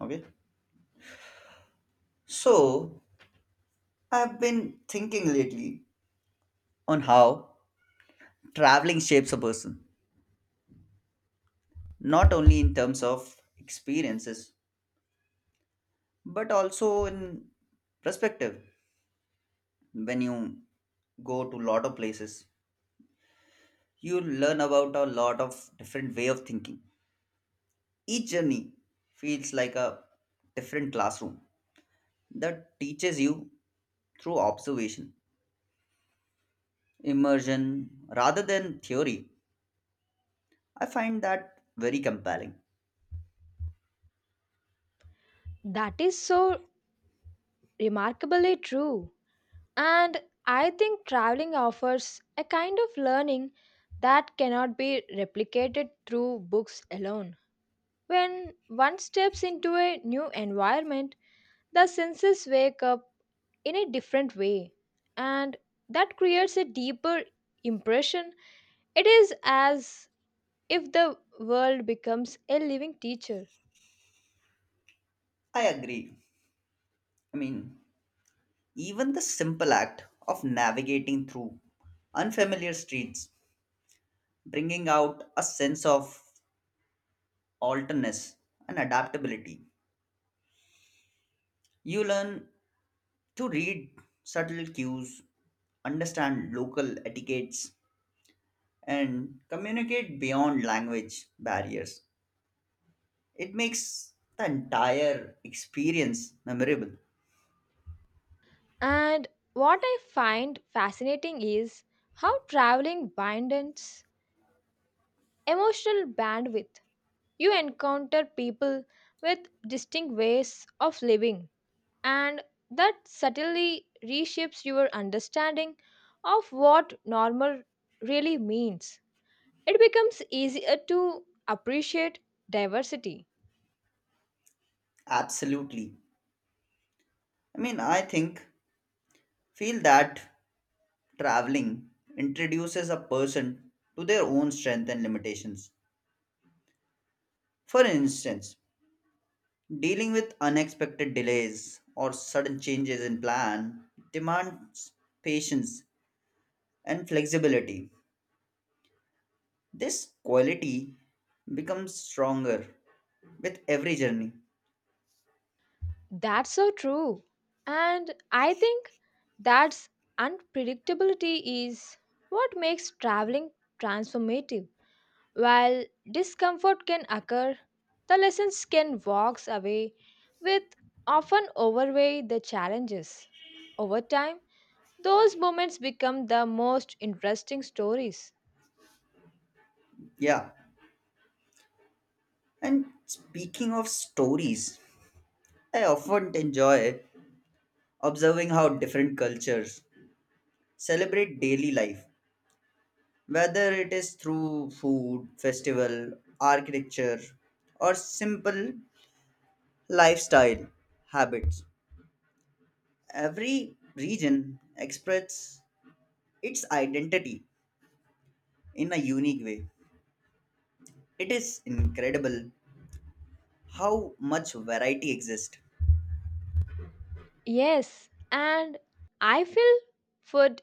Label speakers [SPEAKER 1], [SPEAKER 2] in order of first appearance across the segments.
[SPEAKER 1] Okay. So I've been thinking lately on how traveling shapes a person, not only in terms of experiences, but also in perspective. When you go to a lot of places, you learn about a lot of different way of thinking. Each journey feels like a different classroom that teaches you through observation, immersion, rather than theory. I find that very compelling.
[SPEAKER 2] That is so remarkably true. And I think traveling offers a kind of learning that cannot be replicated through books alone. When one steps into a new environment, the senses wake up in a different way, and that creates a deeper impression. It is as if the world becomes a living teacher.
[SPEAKER 1] I agree. I mean, Even the simple act of navigating through unfamiliar streets, bringing out a sense of alterness and adaptability. You learn to read subtle cues, understand local etiquettes, and communicate beyond language barriers. It makes the entire experience memorable.
[SPEAKER 2] And what I find fascinating is how traveling widens emotional bandwidth. You encounter people with distinct ways of living, and that subtly reshapes your understanding of what normal really means. It becomes easier to appreciate diversity.
[SPEAKER 1] Absolutely. I mean, I think, feel that traveling introduces a person to their own strength and limitations. For instance, dealing with unexpected delays or sudden changes in plan demands patience and flexibility. This quality becomes stronger with every journey.
[SPEAKER 2] That's so true. And I think that's unpredictability is what makes traveling transformative. While discomfort can occur, the lessons can walk away with often overweigh the challenges. Over time, those moments become the most interesting stories.
[SPEAKER 1] Yeah. And speaking of stories, I often enjoy observing how different cultures celebrate daily life. Whether it is through food, festival, architecture, or simple lifestyle habits, every region expresses its identity in a unique way. It is incredible how much variety exists.
[SPEAKER 2] Yes, and I feel food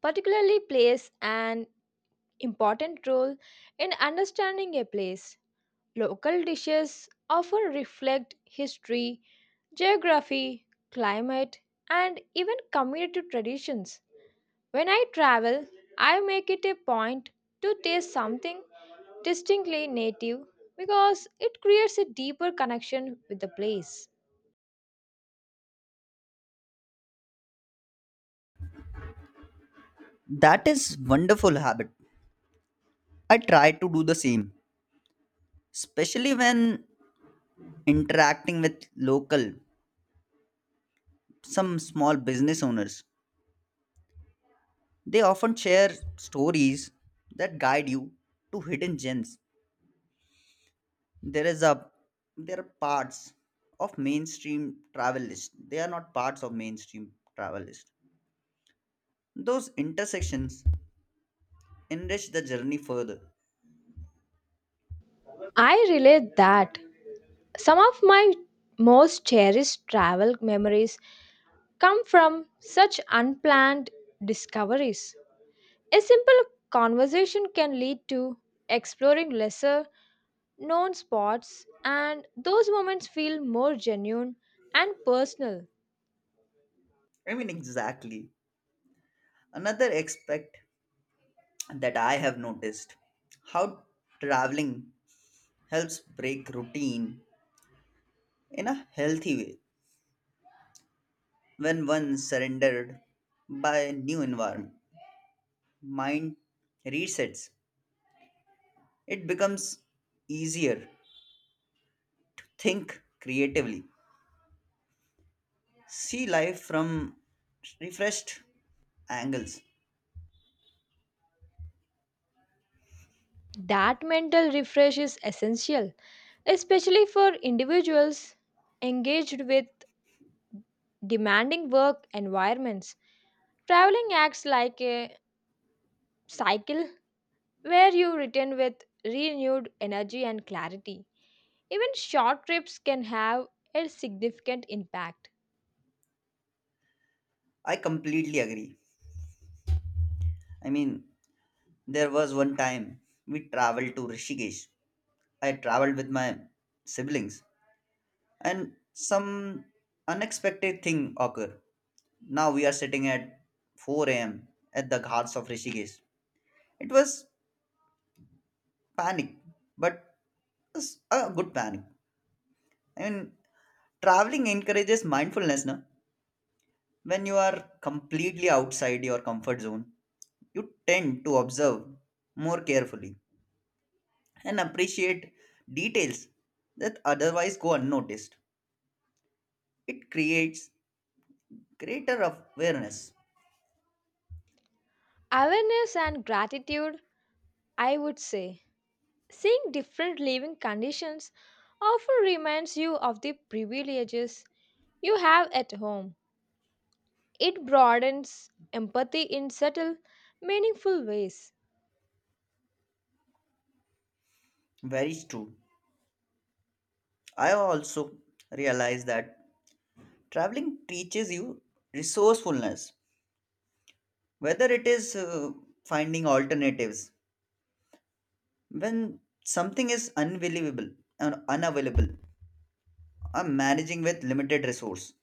[SPEAKER 2] particularly plays an important role in understanding a place. Local dishes often reflect history, geography, climate, and even community traditions. When I travel, I make it a point to taste something distinctly native because it creates a deeper connection with the place.
[SPEAKER 1] That is wonderful habit. I try to do the same, especially when interacting with local some small business owners. They often share stories that guide you to hidden gems. There is a There are parts of mainstream travel list. They are not parts of mainstream travel list. Those intersections enrich the journey further.
[SPEAKER 2] I relate that some of my most cherished travel memories come from such unplanned discoveries. A simple conversation can lead to exploring lesser known spots, and those moments feel more genuine and personal.
[SPEAKER 1] Exactly. Another aspect that I have noticed how traveling helps break routine in a healthy way. When one surrendered by a new environment, mind resets. It becomes easier think creatively, see life from refreshed angles.
[SPEAKER 2] That mental refresh is essential, especially for individuals engaged with demanding work environments. Traveling acts like a cycle where you return with renewed energy and clarity. Even short trips can have a significant impact.
[SPEAKER 1] I completely agree. I mean, there was one time we traveled to Rishikesh. I traveled with my siblings, and some unexpected thing occurred. Now we are sitting at 4 a.m. at the ghats of Rishikesh. It was panic, but it's a good panic. I mean, Traveling encourages mindfulness, no? When you are completely outside your comfort zone, you tend to observe more carefully and appreciate details that otherwise go unnoticed. It creates greater awareness.
[SPEAKER 2] Awareness and gratitude, I would say. Seeing different living conditions often reminds you of the privileges you have at home. It broadens empathy in subtle, meaningful ways,
[SPEAKER 1] Very true. I also realize that traveling teaches you resourcefulness, whether it is finding alternatives when something is unavailable or unavailable or managing with limited resource.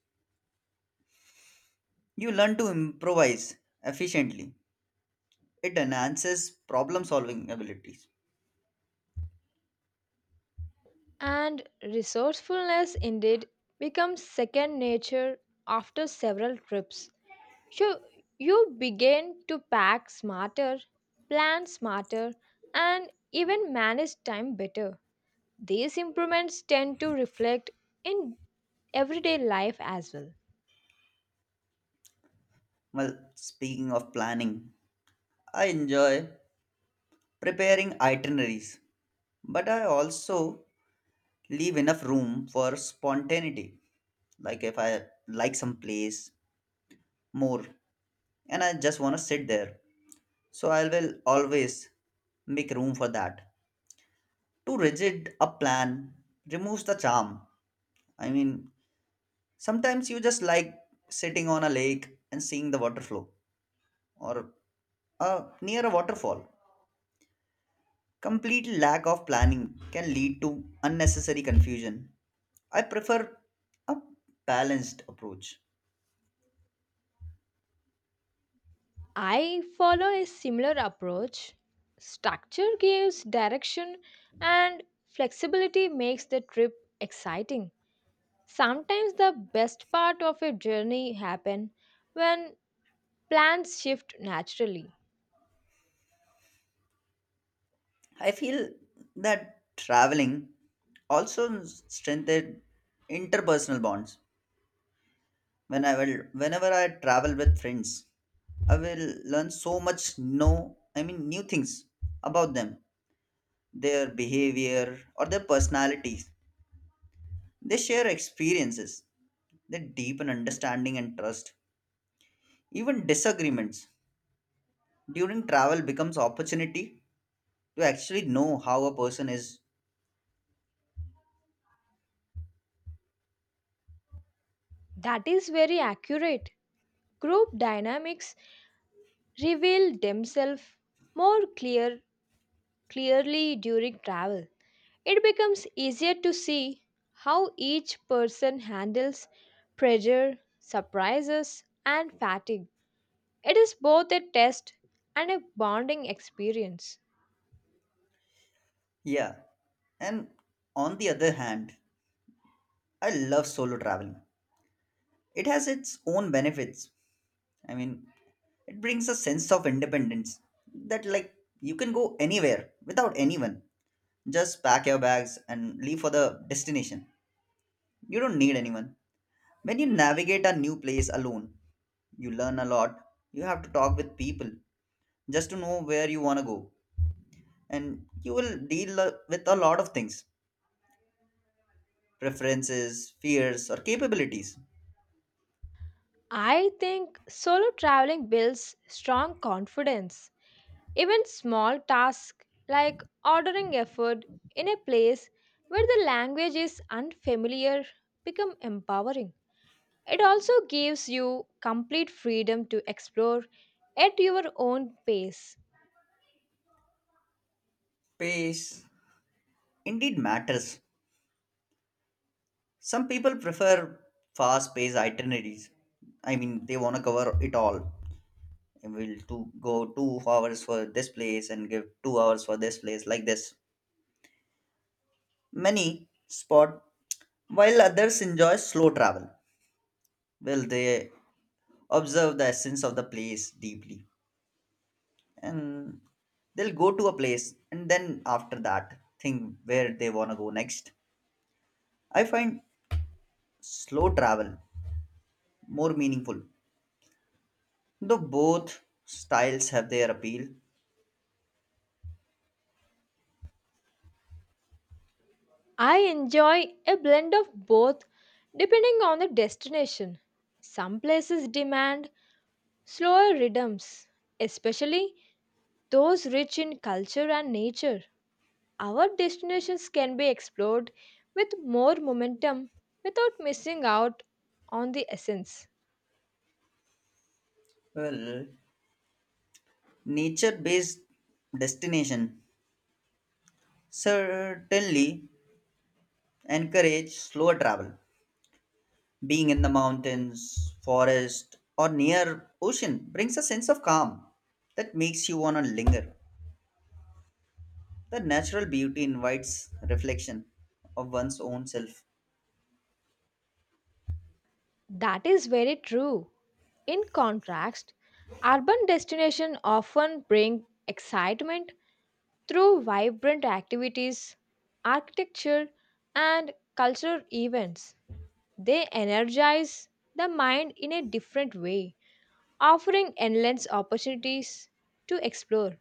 [SPEAKER 1] You learn to improvise efficiently. It enhances problem solving abilities.
[SPEAKER 2] and resourcefulness indeed becomes second nature after several trips. So you begin to pack smarter, plan smarter, and even manage time better. These improvements tend to reflect in everyday life as well.
[SPEAKER 1] Well, speaking of planning, I enjoy preparing itineraries, but I also leave enough room for spontaneity. Like if I like some place more and I just want to sit there, so I will always make room for that. Too rigid a plan removes the charm. I mean, Sometimes you just like sitting on a lake and seeing the water flow or near a waterfall. Complete lack of planning can lead to unnecessary confusion. I prefer a balanced approach.
[SPEAKER 2] I follow a similar approach. Structure gives direction, and flexibility makes the trip exciting. Sometimes the best part of a journey happen when plans shift naturally.
[SPEAKER 1] I feel that traveling also strengthened interpersonal bonds. Whenever I travel with friends, I will learn so much no, new things about them. Their behavior, or their personalities. They share experiences, they deepen understanding and trust. Even disagreements during travel becomes opportunity to actually know how a person is.
[SPEAKER 2] That is very accurate. Group dynamics reveal themselves more clearly during travel. It becomes easier to see how each person handles pressure, surprises, and fatigue. It is both a test and a bonding experience.
[SPEAKER 1] Yeah. And on the other hand, I love solo traveling. It has its own benefits. I mean, it brings a sense of independence that like you can go anywhere without anyone. Just pack your bags and leave for the destination. You don't need anyone. When you navigate a new place alone, you learn a lot. You have to talk with people just to know where you want to go. And you will with a lot of things preferences, fears, or capabilities.
[SPEAKER 2] I think solo traveling builds strong confidence. Even small tasks like ordering a food in a place where the language is unfamiliar become empowering. It also gives you complete freedom to explore at your own pace.
[SPEAKER 1] Pace indeed matters. Some people prefer fast paced itineraries. They want to cover it all. And we'll to go 2 hours for this place and give 2 hours for this place, like this. Many spot, while others enjoy slow travel well they observe the essence of the place deeply and they'll go to a place and then after that think where they want to go next. I find slow travel more meaningful though both styles have their appeal.
[SPEAKER 2] I enjoy a blend of both depending on the destination. Some places demand slower rhythms, especially those rich in culture and nature. Our destinations can be explored with more momentum without missing out on the essence.
[SPEAKER 1] Well, nature based destination certainly encourage slower travel. Being in the mountains forest or near ocean brings a sense of calm that makes you want to linger. The natural beauty invites reflection of one's own self.
[SPEAKER 2] That is very true. In contrast, urban destinations often bring excitement through vibrant activities, architecture, and cultural events. They energize the mind in a different way, offering endless opportunities to explore.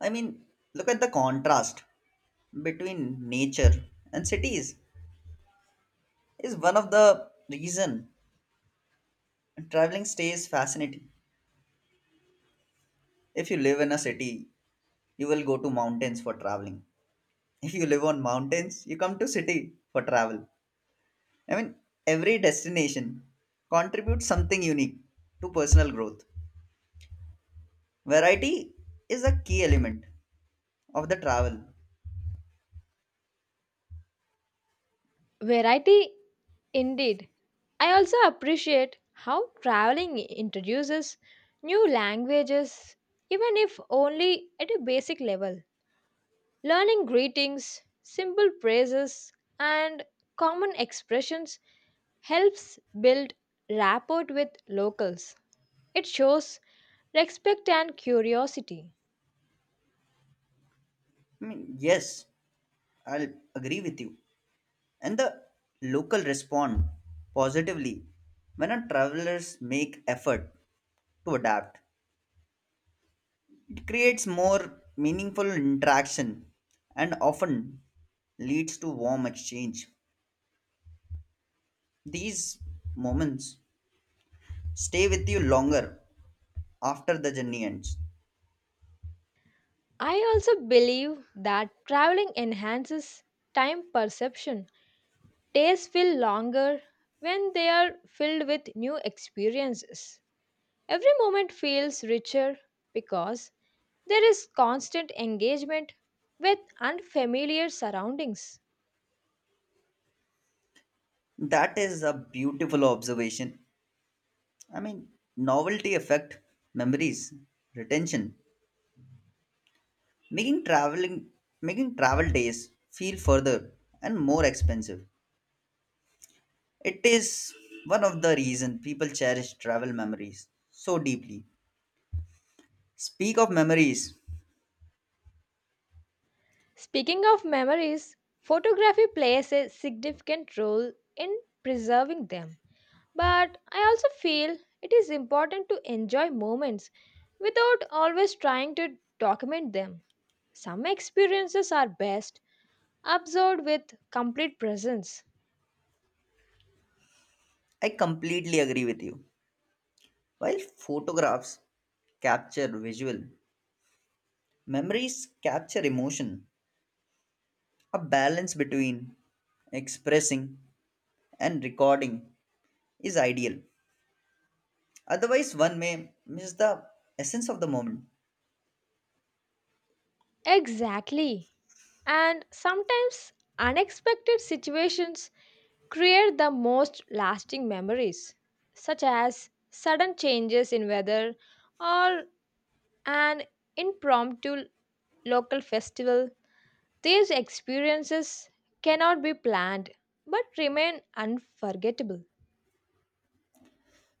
[SPEAKER 1] I mean, Look at the contrast between nature and cities is one of the reason traveling stays fascinating. If you live in a city, you will go to mountains for traveling. If you live on mountains, you come to city for travel. I mean, every destination contributes something unique to personal growth. Variety is a key element of the travel.
[SPEAKER 2] Variety indeed. I also appreciate how traveling introduces new languages, even if only at a basic level. Learning greetings, simple phrases, and common expressions helps build rapport with locals. It shows respect and curiosity.
[SPEAKER 1] Yes, I'll agree with you. And the local respond positively when our travelers make effort to adapt. It creates more meaningful interaction and often leads to warm exchange. These moments stay with you longer after the journey ends.
[SPEAKER 2] I also believe that traveling enhances time perception. Days feel longer when they are filled with new experiences. Every moment feels richer because there is constant engagement with unfamiliar surroundings.
[SPEAKER 1] That is a beautiful observation. I mean, Novelty affect memories, retention, making traveling making travel days feel further and more expensive. It is one of the reasons people cherish travel memories so deeply. Speak of memories.
[SPEAKER 2] Speaking of memories, photography plays a significant role in preserving them. But I also feel it is important to enjoy moments without always trying to document them. Some experiences are best observed with complete presence.
[SPEAKER 1] I completely agree with you. While photographs capture visual memories capture emotion a balance between expressing and recording is ideal. Otherwise one may miss the essence of the moment.
[SPEAKER 2] Exactly. And sometimes unexpected situations create the most lasting memories, such as sudden changes in weather or an impromptu local festival. These experiences cannot be planned but remain unforgettable.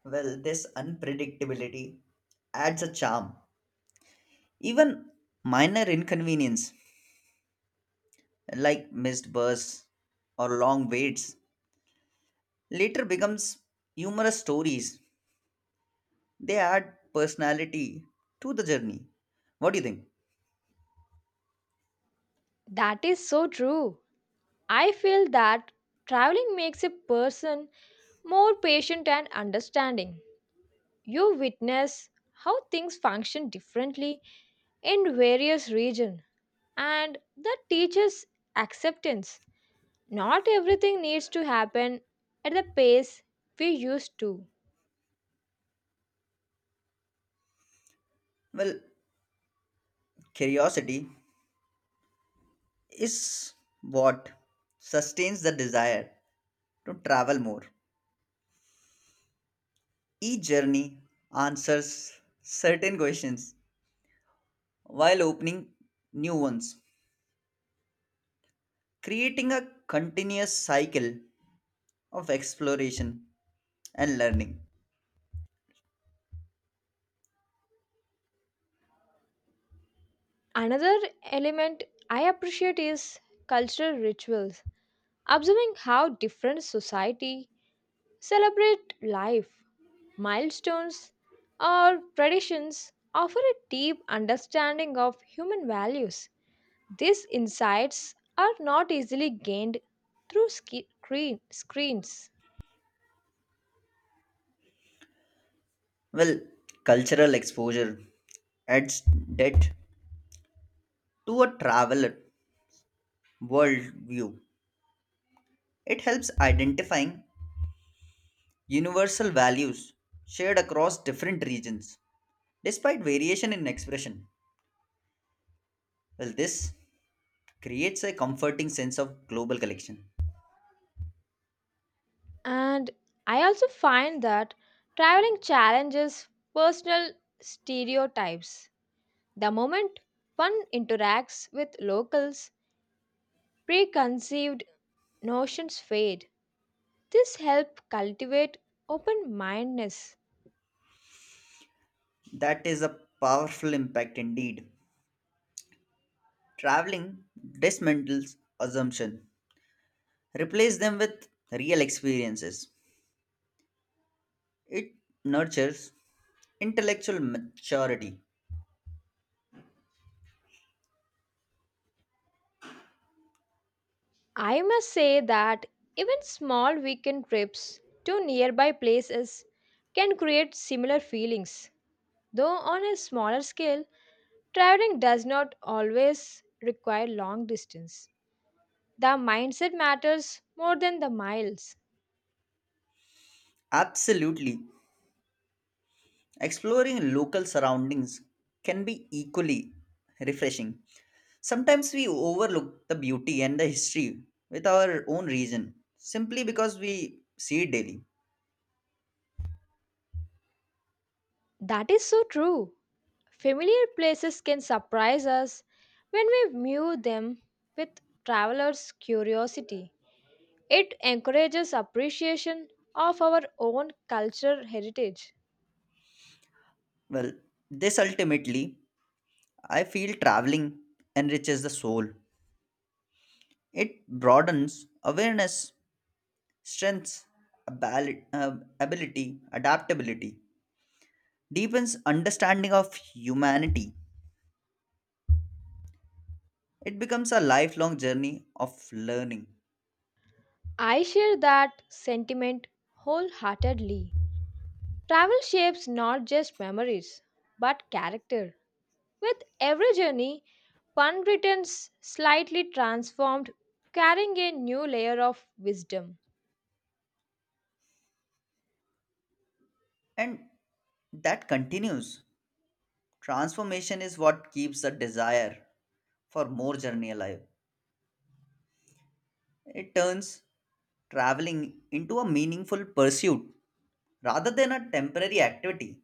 [SPEAKER 1] Well, this unpredictability adds a charm. Even minor inconvenience like missed bus or long waits later becomes humorous stories. They add personality to the journey. What do you think?
[SPEAKER 2] That is so true. I feel that traveling makes a person more patient and understanding. You witness how things function differently in various regions, and that teaches acceptance. Not everything needs to happen at the pace we used to.
[SPEAKER 1] Well, curiosity is what sustains the desire to travel more. Each journey answers certain questions while opening new ones. Creating a continuous cycle of exploration and learning.
[SPEAKER 2] Another element I appreciate is cultural rituals, observing how different society celebrate life. Milestones or traditions offer a deep understanding of human values. These insights are not easily gained through screens.
[SPEAKER 1] Well, cultural exposure adds depth to a traveler worldview. It helps identifying universal values shared across different regions, despite variation in expression. Well, this creates a comforting sense of global connection.
[SPEAKER 2] And I also find that traveling challenges personal stereotypes. The moment one interacts with locals, preconceived notions fade. This helps cultivate open mindedness.
[SPEAKER 1] That is a powerful impact indeed. Traveling dismantles assumption. Replace them with real experiences. It nurtures intellectual maturity.
[SPEAKER 2] I must say that even small weekend trips to nearby places can create similar feelings. Though on a smaller scale, traveling does not always require long distance. The mindset matters more than the miles.
[SPEAKER 1] Absolutely. Exploring local surroundings can be equally refreshing. Sometimes we overlook the beauty and the history with our own reason simply because we see it daily.
[SPEAKER 2] That is so true. Familiar places can surprise us when we view them with traveler's curiosity. It encourages appreciation of our own cultural heritage.
[SPEAKER 1] Well, this ultimately, I feel traveling enriches the soul. It broadens awareness. Strengths, abali- uh, ability, adaptability deepens understanding of humanity. It becomes a lifelong journey of learning.
[SPEAKER 2] I share that sentiment wholeheartedly. Travel shapes not just memories, but character. With every journey, one returns slightly transformed, carrying a new layer of wisdom.
[SPEAKER 1] And that continues. Transformation is what keeps the desire for more journey alive. It turns traveling into a meaningful pursuit rather than a temporary activity.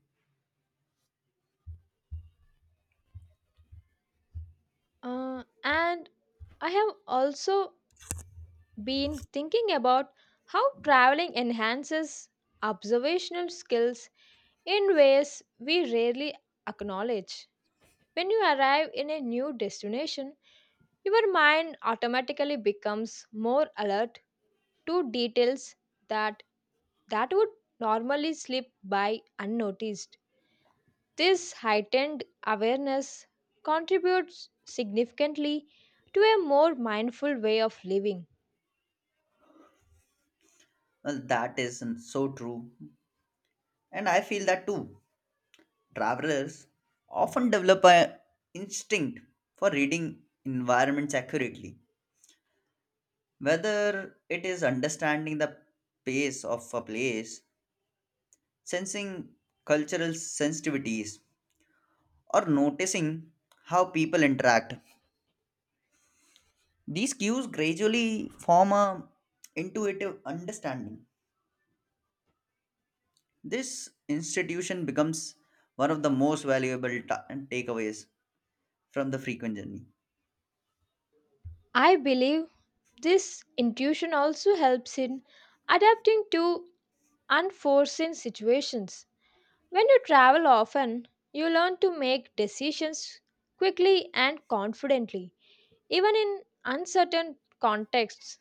[SPEAKER 2] And I have also been thinking about how traveling enhances observational skills in ways we rarely acknowledge. When you arrive in a new destination, your mind automatically becomes more alert to details that that would normally slip by unnoticed. This heightened awareness contributes significantly to a more mindful way of living.
[SPEAKER 1] Well, that is so true. And I feel that too. Travelers often develop an instinct for reading environments accurately, whether it is understanding the pace of a place, sensing cultural sensitivities, or noticing how people interact. These cues gradually form a intuitive understanding. This institution becomes one of the most valuable takeaways from the frequent journey.
[SPEAKER 2] I believe this intuition also helps in adapting to unforeseen situations. When you travel often, you learn to make decisions quickly and confidently. Even in uncertain contexts,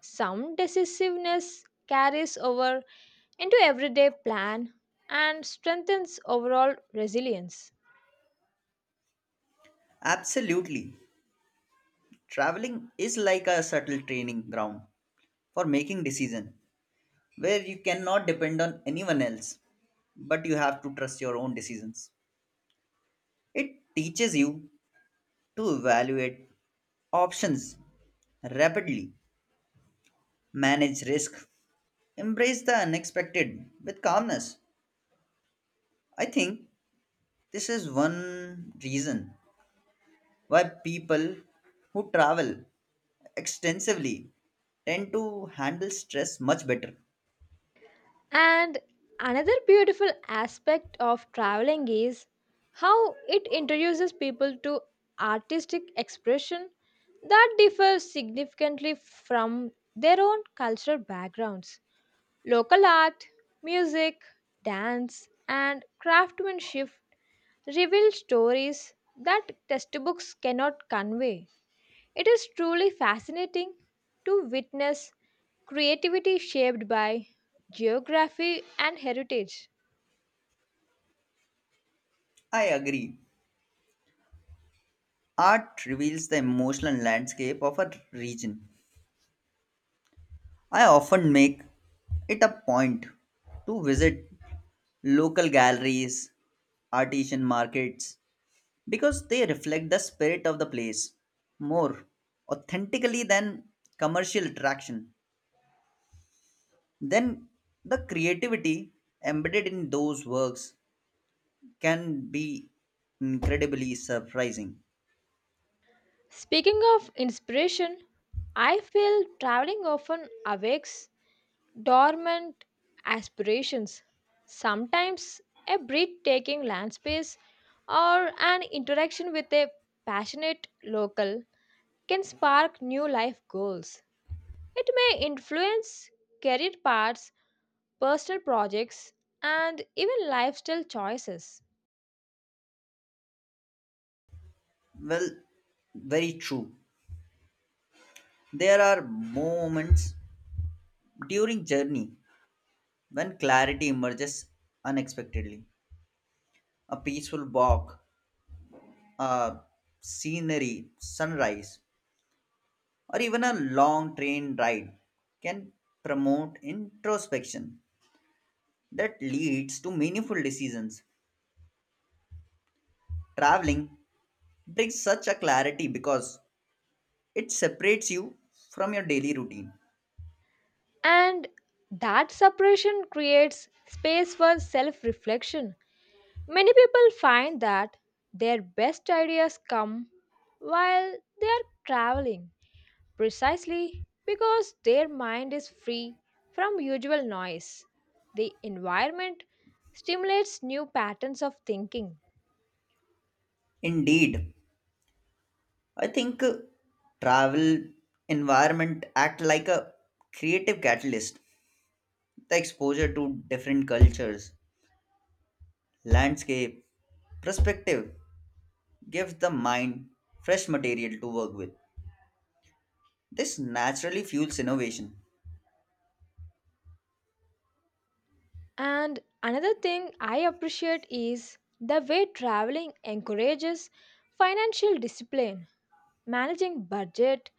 [SPEAKER 2] some decisiveness carries over into everyday plan and strengthens overall resilience.
[SPEAKER 1] Absolutely. Traveling is like a subtle training ground for making decisions where you cannot depend on anyone else, but you have to trust your own decisions. It teaches you to evaluate options rapidly, manage risk, embrace the unexpected with calmness. I think this is one reason why people who travel extensively tend to handle stress much better.
[SPEAKER 2] And another beautiful aspect of traveling is how it introduces people to artistic expression that differs significantly from their own cultural backgrounds. Local art, music, dance, and craftsmanship reveal stories that textbooks cannot convey. It is truly fascinating to witness creativity shaped by geography and heritage.
[SPEAKER 1] I agree. Art reveals the emotional landscape of a region. I often make it a point to visit local galleries, artisan markets, because they reflect the spirit of the place more authentically than commercial attraction. Then the creativity embedded in those works can be incredibly surprising.
[SPEAKER 2] Speaking of inspiration, I feel traveling often awakes dormant aspirations. Sometimes a breathtaking land space or an interaction with a passionate local can spark new life goals. It may influence career paths, personal projects, and even lifestyle choices.
[SPEAKER 1] Well, very true. There are moments during journey, when clarity emerges unexpectedly, a peaceful walk, a scenery, sunrise, or even a long train ride can promote introspection that leads to meaningful decisions. Traveling brings such a clarity because it separates you from your daily routine.
[SPEAKER 2] And that separation creates space for self reflection. Many people find that their best ideas come while they are traveling, precisely because their mind is free from usual noise. The environment stimulates new patterns of thinking.
[SPEAKER 1] Indeed, I think travel environment act like a creative catalyst. The exposure to different cultures, landscape, perspective gives the mind fresh material to work with. This naturally fuels innovation.
[SPEAKER 2] And another thing I appreciate is the way traveling encourages financial discipline, managing budget,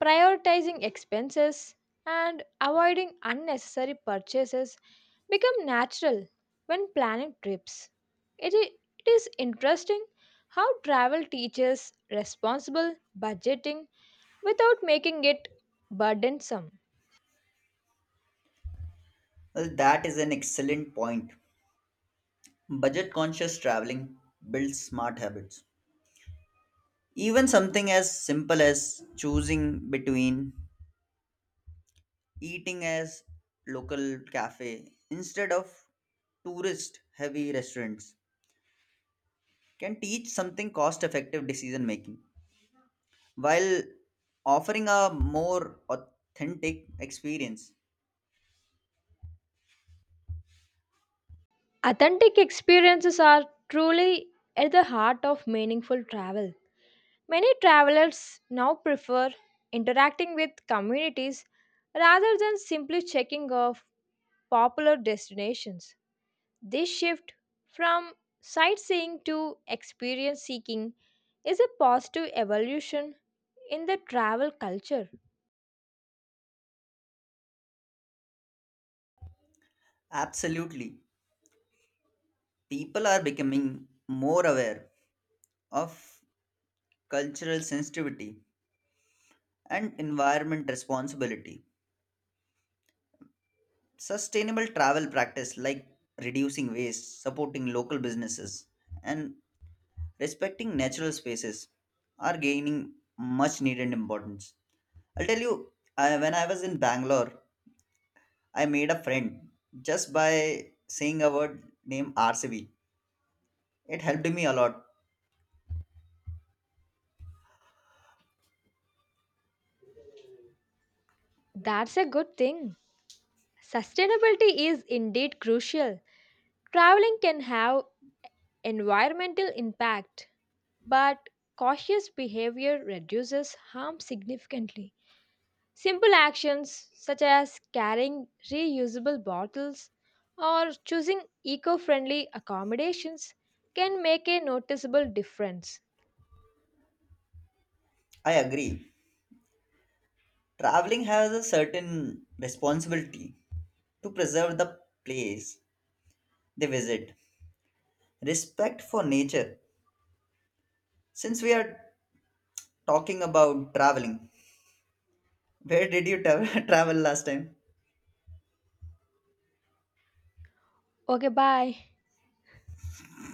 [SPEAKER 2] prioritizing expenses, and avoiding unnecessary purchases become natural when planning trips. It i- it is interesting how travel teaches responsible budgeting without making it burdensome.
[SPEAKER 1] Well, that is an excellent point. Budget conscious traveling builds smart habits. Even something as simple as choosing between eating as local cafe instead of tourist heavy restaurants can teach something cost effective decision making while offering a more authentic experience.
[SPEAKER 2] Authentic experiences are truly at the heart of meaningful travel. Many travelers now prefer interacting with communities rather than simply checking off popular destinations. This shift from sightseeing to experience seeking is a positive evolution in the travel culture.
[SPEAKER 1] Absolutely. People are becoming more aware of cultural sensitivity and environment responsibility. Sustainable travel practice like reducing waste, supporting local businesses, and respecting natural spaces are gaining much needed importance. I'll tell you, I, when I was in Bangalore, I made a friend just by saying a word named RCB. It helped me a lot.
[SPEAKER 2] That's a good thing. Sustainability is indeed crucial. Traveling can have environmental impact, but cautious behavior reduces harm significantly. Simple actions such as carrying reusable bottles or choosing eco friendly accommodations can make a noticeable difference.
[SPEAKER 1] I agree. Traveling has a certain responsibility to preserve the place they visit, respect for nature. Since we are talking about traveling, where did you travel last time?
[SPEAKER 2] Okay, bye.